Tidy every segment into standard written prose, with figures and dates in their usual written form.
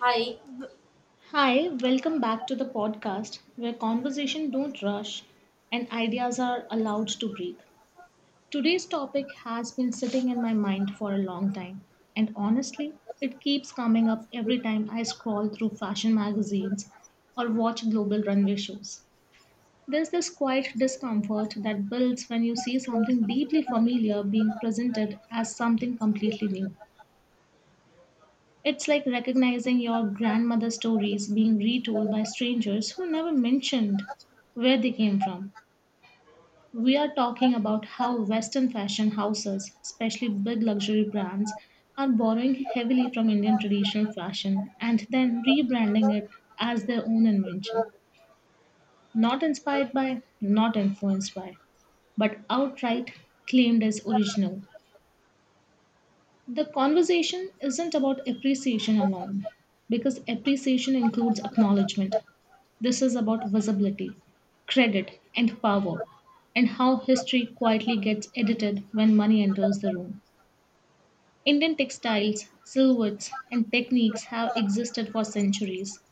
Hi, Hi, welcome back to the podcast where conversation don't rush and ideas are allowed to breathe. Today's topic has been sitting in my mind for a long time and honestly, it keeps coming up every time I scroll through fashion magazines or watch global runway shows. There's this quiet discomfort that builds when you see something deeply familiar being presented as something completely new. It's like recognizing your grandmother's stories being retold by strangers who never mentioned where they came from. We are talking about how Western fashion houses, especially big luxury brands, are borrowing heavily from Indian traditional fashion and then rebranding it as their own invention. Not inspired by, not influenced by, but outright claimed as original. The conversation isn't about appreciation alone, because appreciation includes acknowledgement. This is about visibility, credit, and power, and how history quietly gets edited when money enters the room. Indian textiles, silhouettes, and techniques have existed for centuries.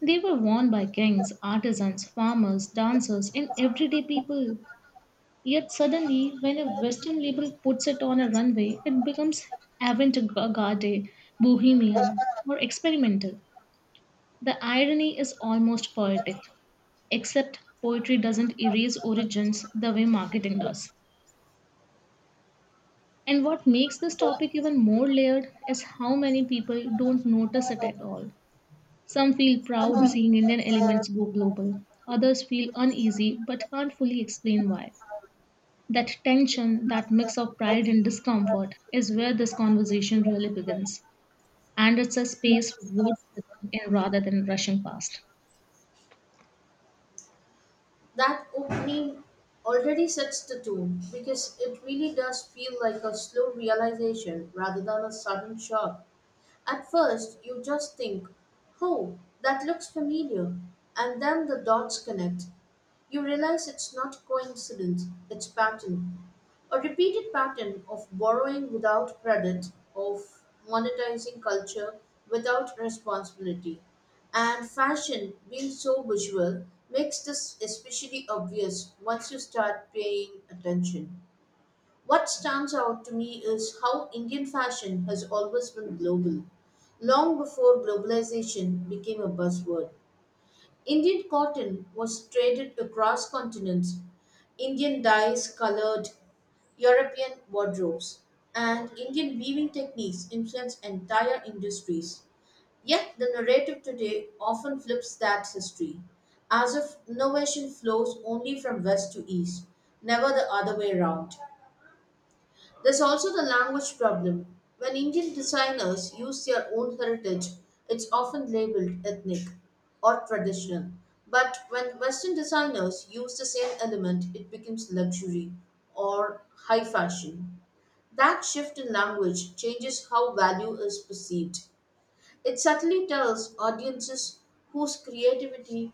They were worn by kings, artisans, farmers, dancers, and everyday people. Yet suddenly, when a Western label puts it on a runway, it becomes avant-garde, bohemian, or experimental. The irony is almost poetic, except poetry doesn't erase origins the way marketing does. And what makes this topic even more layered is how many people don't notice it at all. Some feel proud seeing Indian elements go global, others feel uneasy but can't fully explain why. That tension, that mix of pride and discomfort, is where this conversation really begins. And it's a space worth sitting in rather than rushing past. that opening already sets the tone because it really does feel like a slow realization rather than a sudden shock. At first, you just think, oh, that looks familiar, and then the dots connect. You realize it's not coincidence, it's pattern. A repeated pattern of borrowing without credit, of monetizing culture without responsibility. And fashion, being so visual, makes this especially obvious once you start paying attention. What stands out to me is how Indian fashion has always been global, long before globalization became a buzzword. Indian cotton was traded across continents, Indian dyes colored European wardrobes, and Indian weaving techniques influenced entire industries. Yet the narrative today often flips that history, as if innovation flows only from west to east, never the other way around. There's also the language problem. When Indian designers use their own heritage, it's often labeled ethnic or traditional. But when Western designers use the same element, it becomes luxury or high fashion. That shift in language changes how value is perceived. It subtly tells audiences whose creativity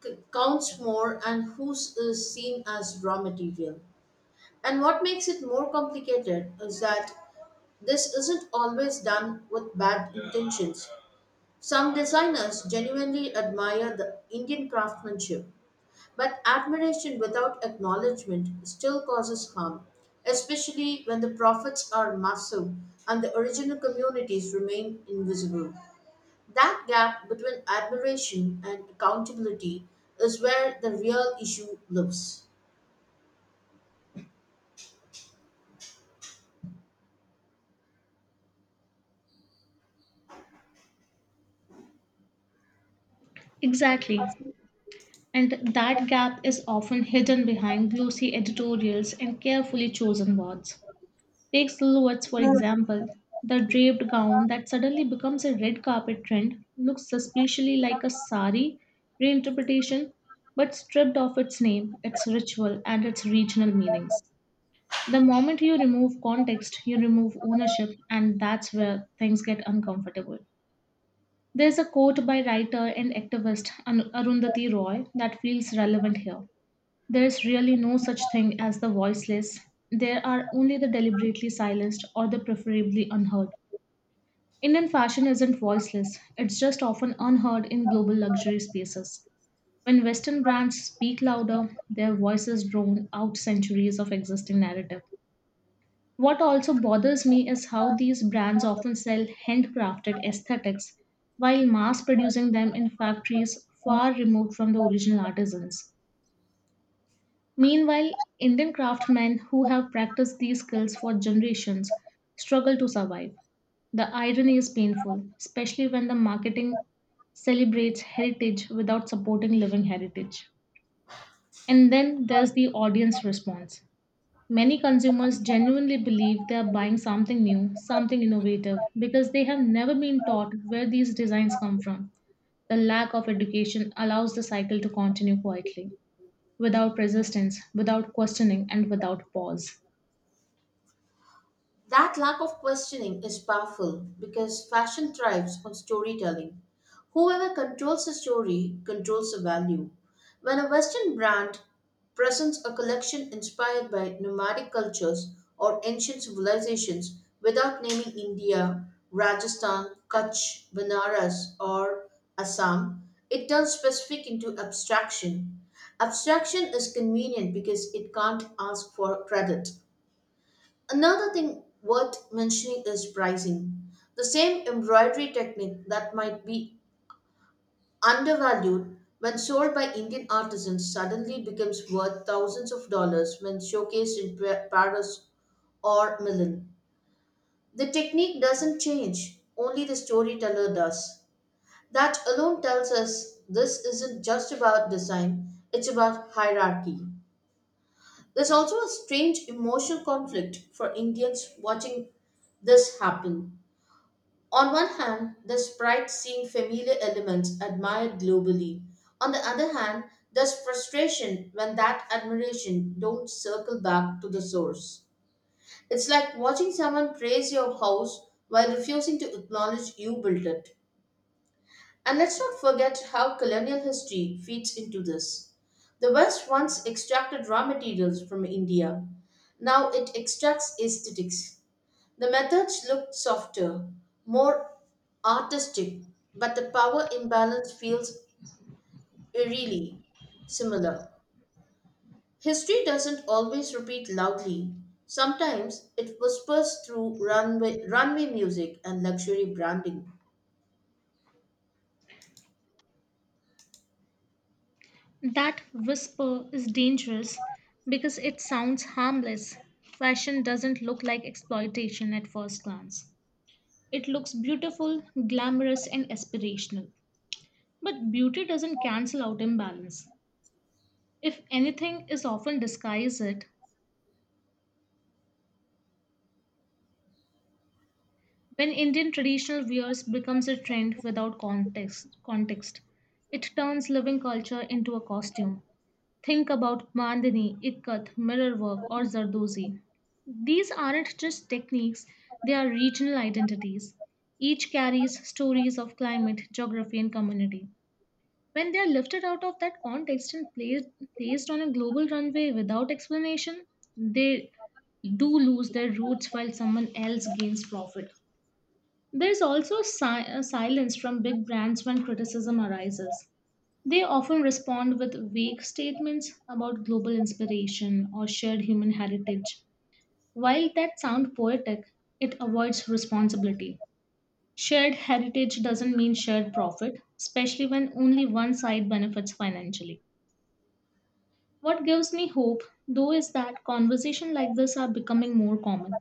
counts more and whose is seen as raw material. And what makes it more complicated is that this isn't always done with bad intentions. Some designers genuinely admire the Indian craftsmanship, but admiration without acknowledgement still causes harm, especially when the profits are massive and the original communities remain invisible. That gap between admiration and accountability is where the real issue lives. Exactly. And that gap is often hidden behind glossy editorials and carefully chosen words. Take silhouettes, for example. The draped gown that suddenly becomes a red carpet trend looks suspiciously like a sari reinterpretation, but stripped of its name, its ritual, and its regional meanings. The moment you remove context, you remove ownership, and that's where things get uncomfortable. There's a quote by writer and activist Arundhati Roy that feels relevant here. There's really no such thing as the voiceless. There are only the deliberately silenced or the preferably unheard. Indian fashion isn't voiceless, it's just often unheard in global luxury spaces. When Western brands speak louder, their voices drone out centuries of existing narrative. What also bothers me is how these brands often sell handcrafted aesthetics while mass producing them in factories far removed from the original artisans. Meanwhile, Indian craftsmen who have practiced these skills for generations struggle to survive. The irony is painful, especially when the marketing celebrates heritage without supporting living heritage. And then there's the audience response. Many consumers genuinely believe they are buying something new, something innovative, because they have never been taught where these designs come from. The lack of education allows the cycle to continue quietly, without resistance, without questioning, and without pause. That lack of questioning is powerful because fashion thrives on storytelling. Whoever controls the story controls the value. When a Western brand presents a collection inspired by nomadic cultures or ancient civilizations without naming India, Rajasthan, Kutch, Banaras, or Assam, it turns specific into abstraction. Abstraction is convenient because it can't ask for credit. Another thing worth mentioning is pricing. The same embroidery technique that might be undervalued when sold by Indian artisans suddenly becomes worth thousands of dollars when showcased in Paris or Milan. The technique doesn't change, only the storyteller does. That alone tells us this isn't just about design, it's about hierarchy. There's also a strange emotional conflict for Indians watching this happen. On one hand, the sprites seem familiar elements admired globally. On the other hand, there's frustration when that admiration don't circle back to the source. It's like watching someone praise your house while refusing to acknowledge you built it. And let's not forget how colonial history feeds into this. The West once extracted raw materials from India. Now it extracts aesthetics. The methods look softer, more artistic, but the power imbalance feels eerily similar. History doesn't always repeat loudly. Sometimes it whispers through runway music and luxury branding. That whisper is dangerous because it sounds harmless. Fashion doesn't look like exploitation at first glance. It looks beautiful, glamorous, and aspirational. But beauty doesn't cancel out imbalance. If anything is often disguised it, when Indian traditional wears becomes a trend without context, it turns living culture into a costume. Think about Mandini, Ikkat, mirror work, or Zardozi. These aren't just techniques, they are regional identities. Each carries stories of climate, geography, and community. When they are lifted out of that context and placed on a global runway without explanation, they do lose their roots while someone else gains profit. There's also silence from big brands when criticism arises. They often respond with vague statements about global inspiration or shared human heritage. While that sounds poetic, it avoids responsibility. Shared heritage doesn't mean shared profit, especially when only one side benefits financially. What gives me hope, though, is that conversations like this are becoming more common.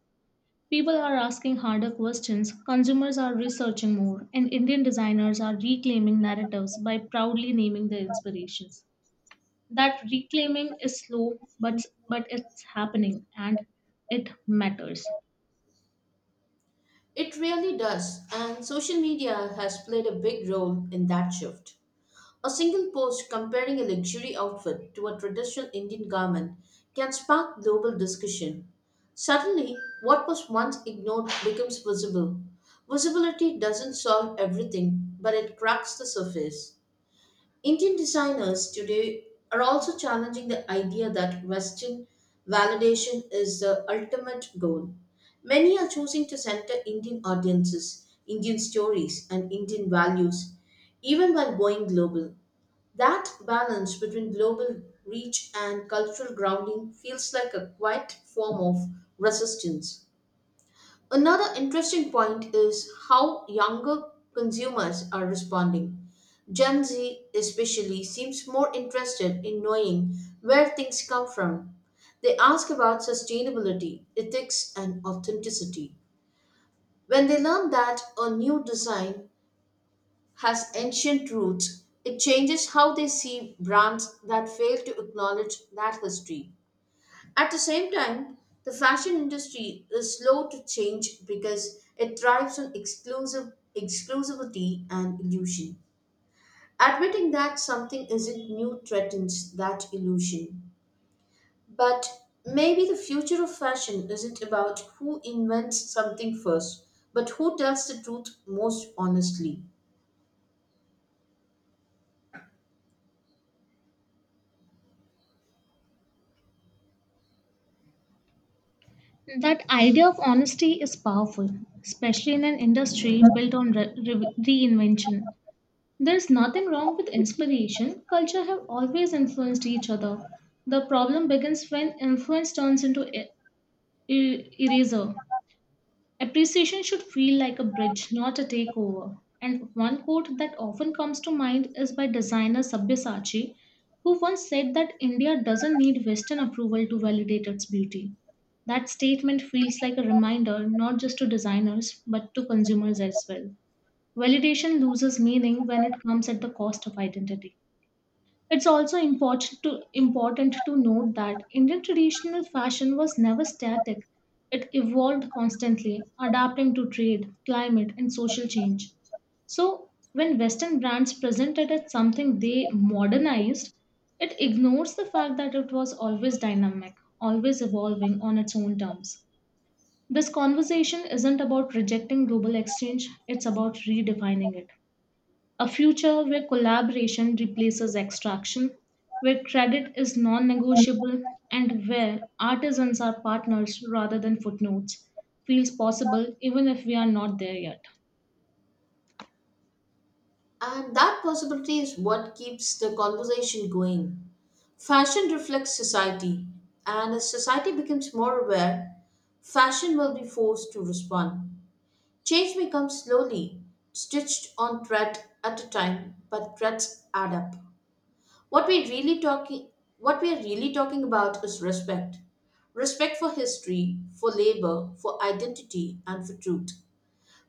People are asking harder questions, consumers are researching more, and Indian designers are reclaiming narratives by proudly naming their inspirations. That reclaiming is slow, but it's happening and it matters. It really does, and social media has played a big role in that shift. A single post comparing a luxury outfit to a traditional Indian garment can spark global discussion. Suddenly, what was once ignored becomes visible. Visibility doesn't solve everything, but it cracks the surface. Indian designers today are also challenging the idea that Western validation is the ultimate goal. Many are choosing to center Indian audiences, Indian stories, and Indian values, even while going global. That balance between global reach and cultural grounding feels like a quiet form of resistance. Another interesting point is how younger consumers are responding. Gen Z, especially, seems more interested in knowing where things come from. They ask about sustainability, ethics, and authenticity. When they learn that a new design has ancient roots, it changes how they see brands that fail to acknowledge that history. At the same time, the fashion industry is slow to change because it thrives on exclusive exclusivity and illusion. Admitting that something isn't new threatens that illusion. But maybe the future of fashion isn't about who invents something first, but who tells the truth most honestly. That idea of honesty is powerful, especially in an industry built on reinvention. There's nothing wrong with inspiration. Culture have always influenced each other. The problem begins when influence turns into eraser. Appreciation should feel like a bridge, not a takeover. And one quote that often comes to mind is by designer Sabyasachi, who once said that India doesn't need Western approval to validate its beauty. That statement feels like a reminder not just to designers but to consumers as well. Validation loses meaning when it comes at the cost of identity. It's also important to note that Indian traditional fashion was never static. It evolved constantly, adapting to trade, climate, and social change. So, when Western brands present it as something they modernized, it ignores the fact that it was always dynamic, always evolving on its own terms. This conversation isn't about rejecting global exchange, it's about redefining it. A future where collaboration replaces extraction, where credit is non negotiable, and where artisans are partners rather than footnotes feels possible even if we are not there yet. And that possibility is what keeps the conversation going. Fashion reflects society, and as society becomes more aware, fashion will be forced to respond. Change may come slowly, stitched on thread at a time, but threads add up. What we're really talking what we are really talking about is respect. Respect for history, for labor, for identity, and for truth.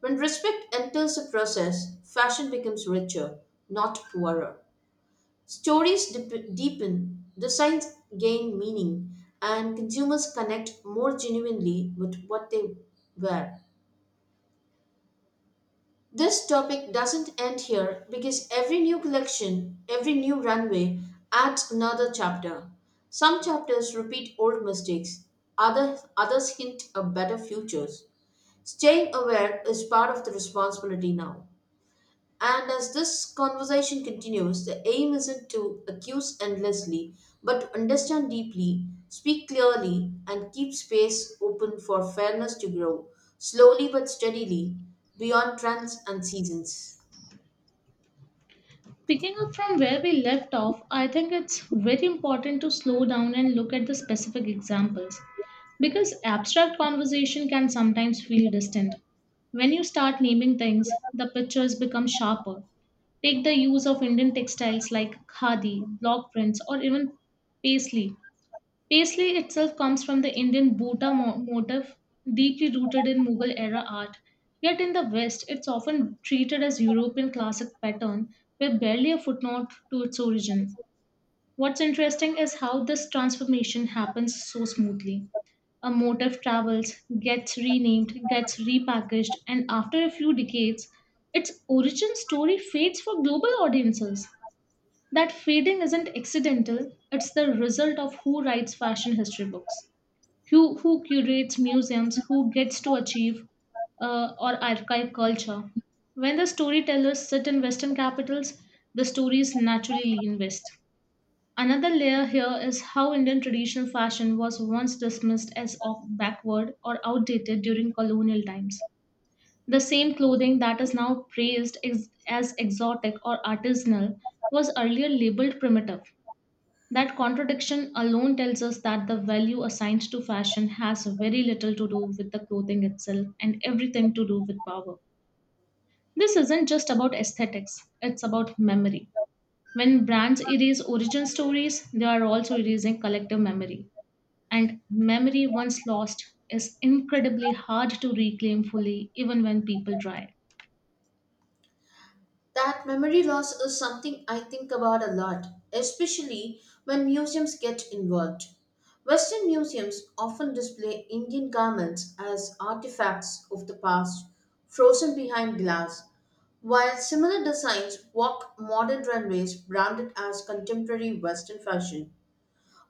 When respect enters the process, fashion becomes richer, not poorer. Stories deepen, designs gain meaning, and consumers connect more genuinely with what they wear. This topic doesn't end here because every new collection, every new runway adds another chapter. Some chapters repeat old mistakes, others hint at better futures. Staying aware is part of the responsibility now. And as this conversation continues, the aim isn't to accuse endlessly, but to understand deeply, speak clearly, and keep space open for fairness to grow, slowly but steadily, beyond trends and seasons. Picking up from where we left off, I think it's very important to slow down and look at the specific examples because abstract conversation can sometimes feel distant. When you start naming things, the pictures become sharper, Take the use of Indian textiles like khadi, block prints, or even paisley. Paisley itself comes from the Indian Bota motif, deeply rooted in Mughal era art. Yet in the West, it's often treated as European classic pattern with barely a footnote to its origin. What's interesting is how this transformation happens so smoothly. A motif travels, gets renamed, gets repackaged, and after a few decades, its origin story fades for global audiences. That fading isn't accidental, it's the result of who writes fashion history books, who curates museums, who gets to achieve or archive culture. When the storytellers sit in Western capitals, the stories naturally lean west. Another layer here is how Indian traditional fashion was once dismissed as backward or outdated during colonial times. The same clothing that is now praised as exotic or artisanal was earlier labeled primitive. That contradiction alone tells us that the value assigned to fashion has very little to do with the clothing itself and everything to do with power. This isn't just about aesthetics, it's about memory. When brands erase origin stories, they are also erasing collective memory. And memory, once lost, is incredibly hard to reclaim fully, even when people try. That memory loss is something I think about a lot, especially when museums get involved. Western museums often display Indian garments as artifacts of the past, frozen behind glass, while similar designs walk modern runways branded as contemporary Western fashion.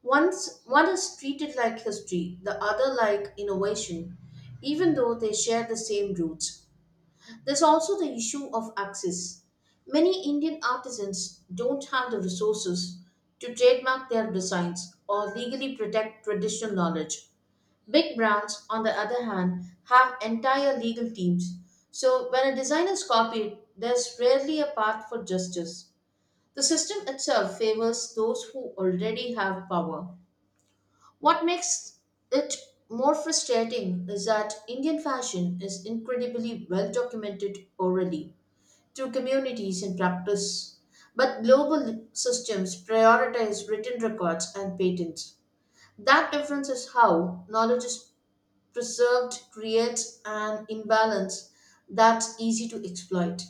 Once one is treated like history, the other like innovation, even though they share the same roots. There's also the issue of access. Many Indian artisans don't have the resources to trademark their designs or legally protect traditional knowledge. Big brands, on the other hand, have entire legal teams. So when a design is copied, there's rarely a path for justice. The system itself favors those who already have power. What makes it more frustrating is that Indian fashion is incredibly well documented orally to communities in practice. But global systems prioritize written records and patents. That difference is how knowledge is preserved, creates an imbalance that's easy to exploit.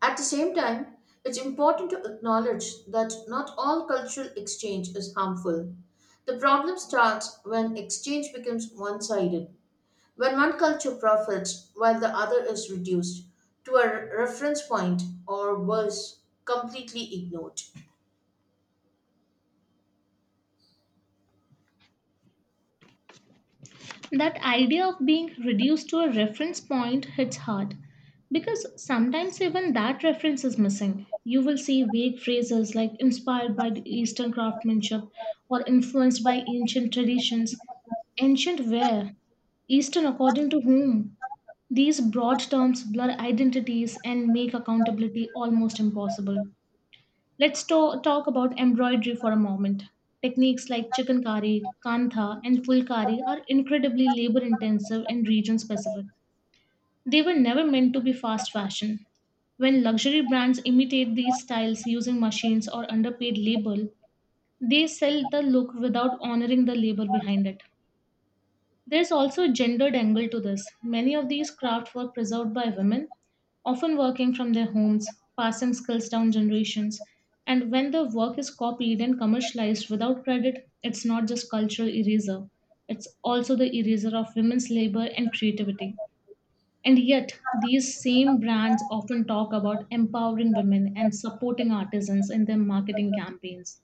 At the same time, it's important to acknowledge that not all cultural exchange is harmful. The problem starts when exchange becomes one sided. When one culture profits while the other is reduced to a reference point or worse, completely ignored. That idea of being reduced to a reference point hits hard because sometimes even that reference is missing. You will see vague phrases like inspired by the Eastern craftsmanship or influenced by ancient traditions. Ancient where? Eastern according to whom? These broad terms blur identities and make accountability almost impossible. Let's talk about embroidery for a moment. Techniques like chikankari, kantha, and fulkari are incredibly labor intensive and region specific. They were never meant to be fast fashion. When luxury brands imitate these styles using machines or underpaid labor, they sell the look without honoring the labor behind it. There's also a gendered angle to this. Many of these crafts were preserved by women, often working from their homes, passing skills down generations. And when the work is copied and commercialized without credit, it's not just cultural eraser, it's also the eraser of women's labor and creativity. And yet, these same brands often talk about empowering women and supporting artisans in their marketing campaigns.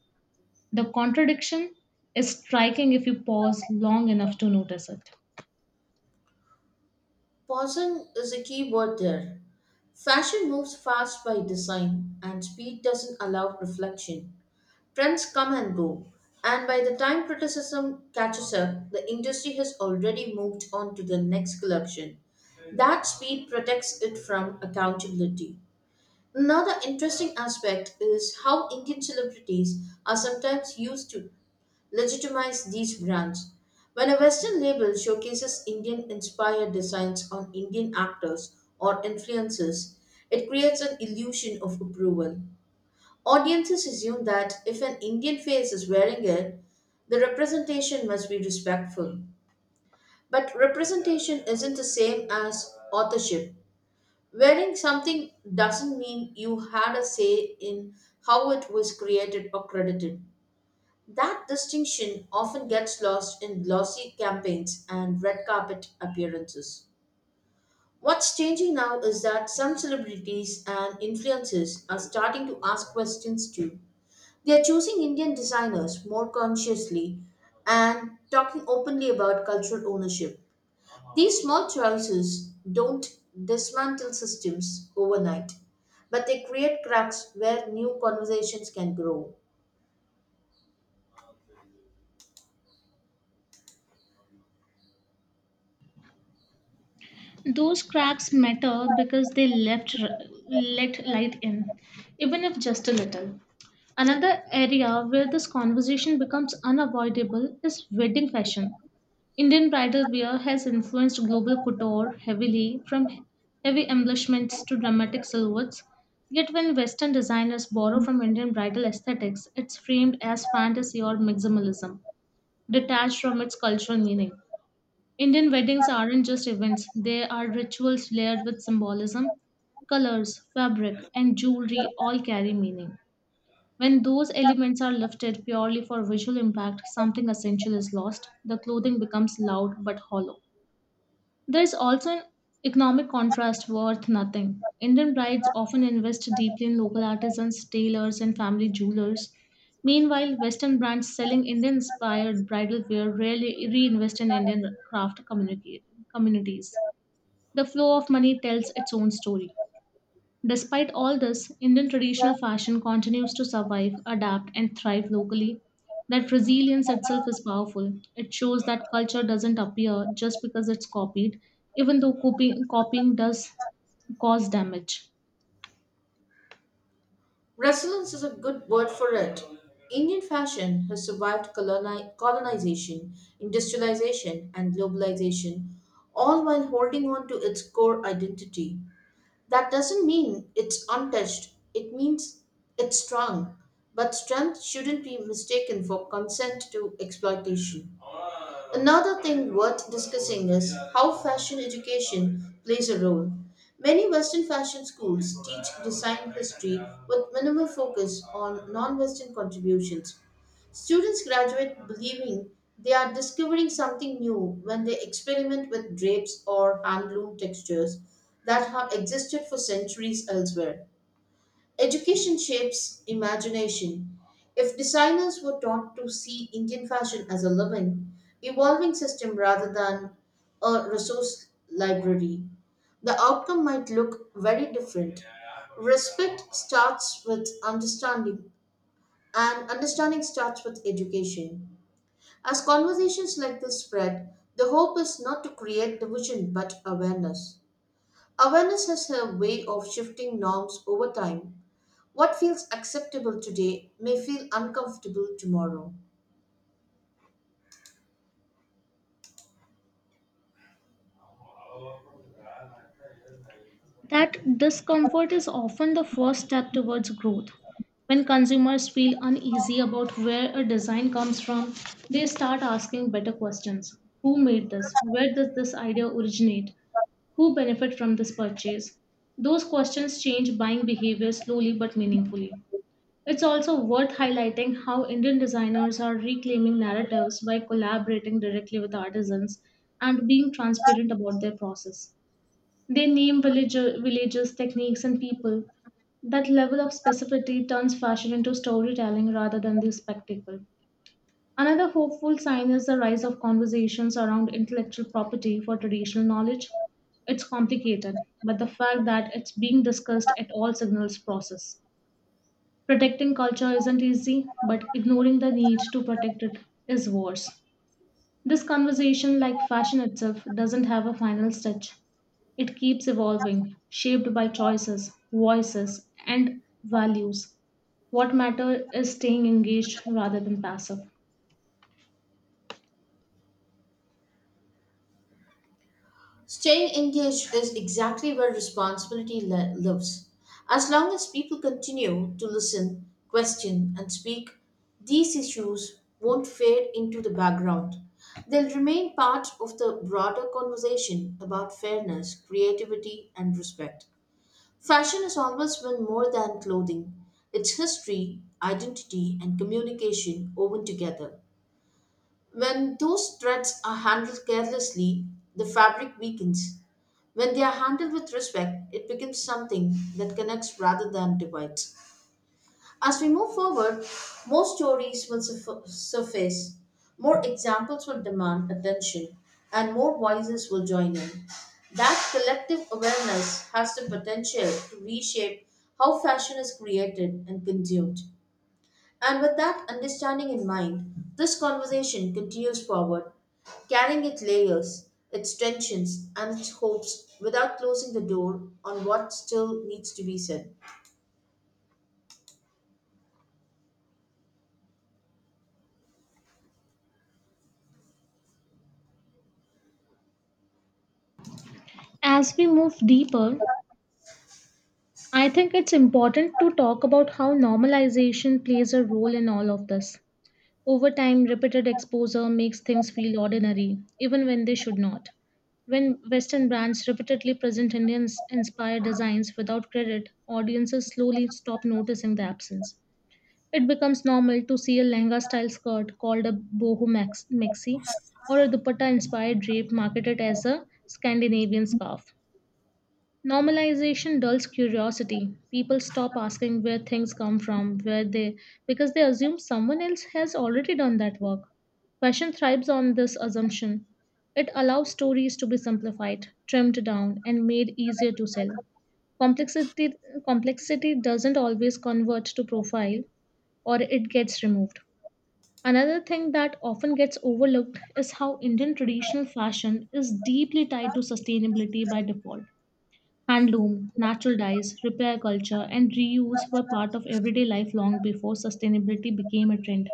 The contradiction is striking if you pause long enough to notice it. Pausing is a key word there. Fashion moves fast by design, and speed doesn't allow reflection. Trends come and go, and by the time criticism catches up, the industry has already moved on to the next collection. That speed protects it from accountability. Another interesting aspect is how Indian celebrities are sometimes used to legitimize these brands. When a Western label showcases Indian inspired designs on Indian actors or influencers, it creates an illusion of approval. Audiences assume that if an Indian face is wearing it, the representation must be respectful. But representation isn't the same as authorship. Wearing something doesn't mean you had a say in how it was created or credited. That distinction often gets lost in glossy campaigns and red carpet appearances. What's changing now is that some celebrities and influencers are starting to ask questions too. They are choosing Indian designers more consciously and talking openly about cultural ownership. These small choices don't dismantle systems overnight, but they create cracks where new conversations can grow. Those cracks matter because they let light in, even if just a little. Another area where this conversation becomes unavoidable is wedding fashion. Indian bridal wear has influenced global couture heavily, from heavy embellishments to dramatic silhouettes. Yet, when Western designers borrow from Indian bridal aesthetics, it's framed as fantasy or maximalism, detached from its cultural meaning. Indian weddings aren't just events, they are rituals layered with symbolism. Colors, fabric, and jewelry all carry meaning. When those elements are lifted purely for visual impact, something essential is lost. The clothing becomes loud but hollow. There's also an economic contrast worth nothing. Indian brides often invest deeply in local artisans, tailors, and family jewelers. Meanwhile, Western brands selling Indian inspired bridal wear rarely reinvest in Indian craft communities. The flow of money tells its own story. Despite all this, Indian traditional fashion continues to survive, adapt, and thrive locally. That resilience itself is powerful. It shows that culture doesn't appear just because it's copied, even though copying does cause damage. Resilience is a good word for it. Indian fashion has survived colonization, industrialization, and globalization, all while holding on to its core identity. That doesn't mean it's untouched, it means it's strong. But strength shouldn't be mistaken for consent to exploitation. Another thing worth discussing is how fashion education plays a role. Many Western fashion schools teach design history with minimal focus on non Western contributions. Students graduate believing they are discovering something new when they experiment with drapes or handloom textures that have existed for centuries elsewhere. Education shapes imagination. If designers were taught to see Indian fashion as a living, evolving system rather than a resource library, the outcome might look very different. Respect starts with understanding, and understanding starts with education. As conversations like this spread, the hope is not to create division but awareness. Awareness has a way of shifting norms over time what feels acceptable today may feel uncomfortable tomorrow. That discomfort is often the first step towards growth. When consumers feel uneasy about where a design comes from, they start asking better questions. Who made this? Where does this idea originate? Who benefit from this purchase? Those questions change buying behavior slowly but meaningfully. It's also worth highlighting how Indian designers are reclaiming narratives by collaborating directly with artisans and being transparent about their process. They name villages, techniques, and people. That level of specificity turns fashion into storytelling rather than the spectacle. Another hopeful sign is the rise of conversations around intellectual property for traditional knowledge. It's complicated, but the fact that it's being discussed at all signals process. Protecting culture isn't easy, but ignoring the need to protect it is worse. This conversation, like fashion itself, doesn't have a final stitch. It keeps evolving, shaped by choices, voices, and values. What matters is staying engaged rather than passive. Staying engaged is exactly where responsibility lives. As long as people continue to listen, question, and speak, these issues won't fade into the background. They'll remain part of the broader conversation about fairness, creativity, and respect. Fashion has always been more than clothing, it's history, identity, and communication woven together. When those threads are handled carelessly, the fabric weakens. When they are handled with respect, it becomes something that connects rather than divides. As we move forward, more stories will surface, more examples will demand attention, and more voices will join in. That collective awareness has the potential to reshape how fashion is created and consumed. And with that understanding in mind, this conversation continues forward, carrying its layers, its tensions, and its hopes without closing the door on what still needs to be said. As we move deeper, I think it's important to talk about how normalization plays a role in all of this. Over time, repeated exposure makes things feel ordinary, even when they should not. When Western brands repeatedly present Indian inspired designs without credit, audiences slowly stop noticing the absence. It becomes normal to see a Lehenga style skirt called a maxi or a dupatta inspired drape marketed as a Scandinavian scarf. Normalization dulls curiosity. People stop asking where things come from, where they because they assume someone else has already done that work. Fashion thrives on this assumption. It allows stories to be simplified, trimmed down, and made easier to sell. Complexity complexity doesn't always convert to profile or it gets removed. Another thing that often gets overlooked is how Indian traditional fashion is deeply tied to sustainability by default. Handloom, natural dyes, repair culture, and reuse were part of everyday life long before sustainability became a trend.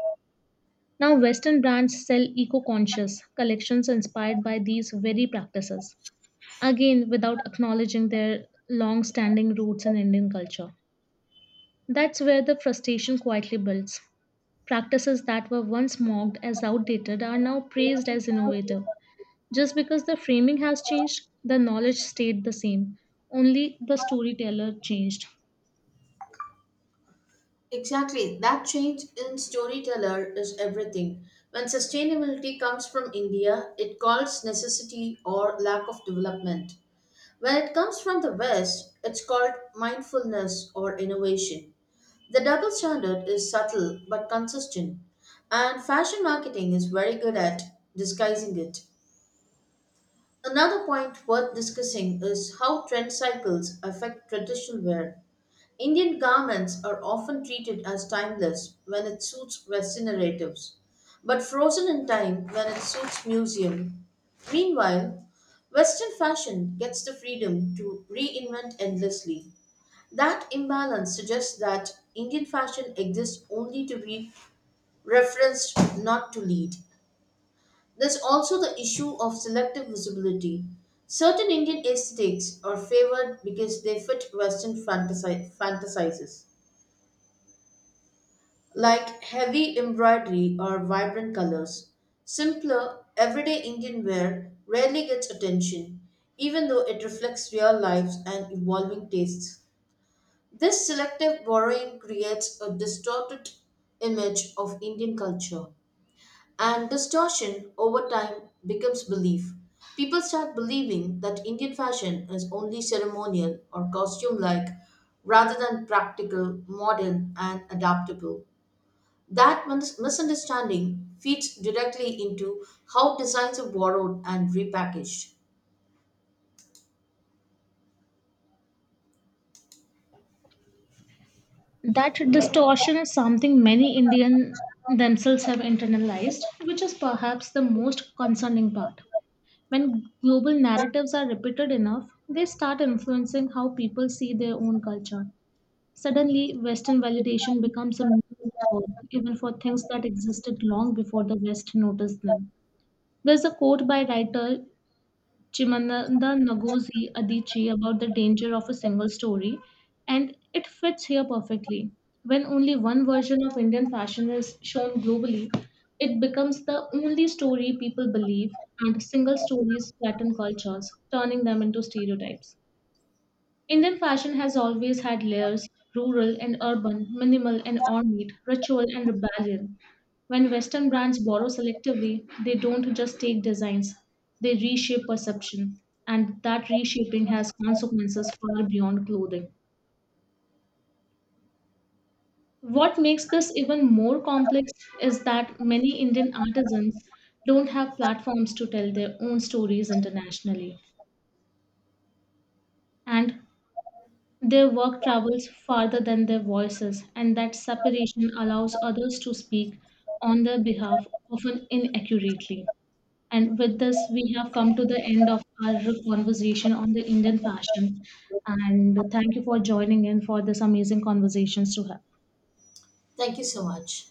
Now, Western brands sell eco conscious collections inspired by these very practices, again, without acknowledging their long standing roots in Indian culture. That's where the frustration quietly builds. Practices that were once mocked as outdated are now praised as innovative. Just because the framing has changed, the knowledge stayed the same, only the storyteller changed. Exactly, that change in storyteller is everything. When sustainability comes from India, it calls necessity or lack of development. When it comes from the West, it's called mindfulness or innovation. The double standard is subtle but consistent, and fashion marketing is very good at disguising it. Another point worth discussing is how trend cycles affect traditional wear. Indian garments are often treated as timeless when it suits Western narratives, but frozen in time when it suits museum. Meanwhile, Western fashion gets the freedom to reinvent endlessly. That imbalance suggests that Indian fashion exists only to be referenced, not to lead. There's also the issue of selective visibility. Certain Indian aesthetics are favored because they fit Western fantasizes, like heavy embroidery or vibrant colors. Simpler, everyday Indian wear rarely gets attention, even though it reflects real lives and evolving tastes. This selective borrowing creates a distorted image of Indian culture. And distortion over time becomes belief. People start believing that Indian fashion is only ceremonial or costume like rather than practical, modern, and adaptable. That misunderstanding feeds directly into how designs are borrowed and repackaged. That distortion is something many Indian themselves have internalized, which is perhaps the most concerning part. When global narratives are repeated enough, they start influencing how people see their own culture. Suddenly, Western validation becomes a metaphor, even for things that existed long before the West noticed them. There's a quote by writer Chimamanda Ngozi Adichie about the danger of a single story, and it fits here perfectly. When only one version of Indian fashion is shown globally, it becomes the only story people believe, and single stories flatten cultures, turning them into stereotypes. Indian fashion has always had layers rural and urban, minimal and ornate, ritual and rebellion. When Western brands borrow selectively, they don't just take designs, they reshape perception. And that reshaping has consequences far beyond clothing. What makes this even more complex is that many Indian artisans don't have platforms to tell their own stories internationally. And their work travels farther than their voices, and that separation allows others to speak on their behalf, often inaccurately. And with this, we have come to the end of our conversation on the Indian fashion. And thank you for joining in for this amazing conversations to have. Thank you so much.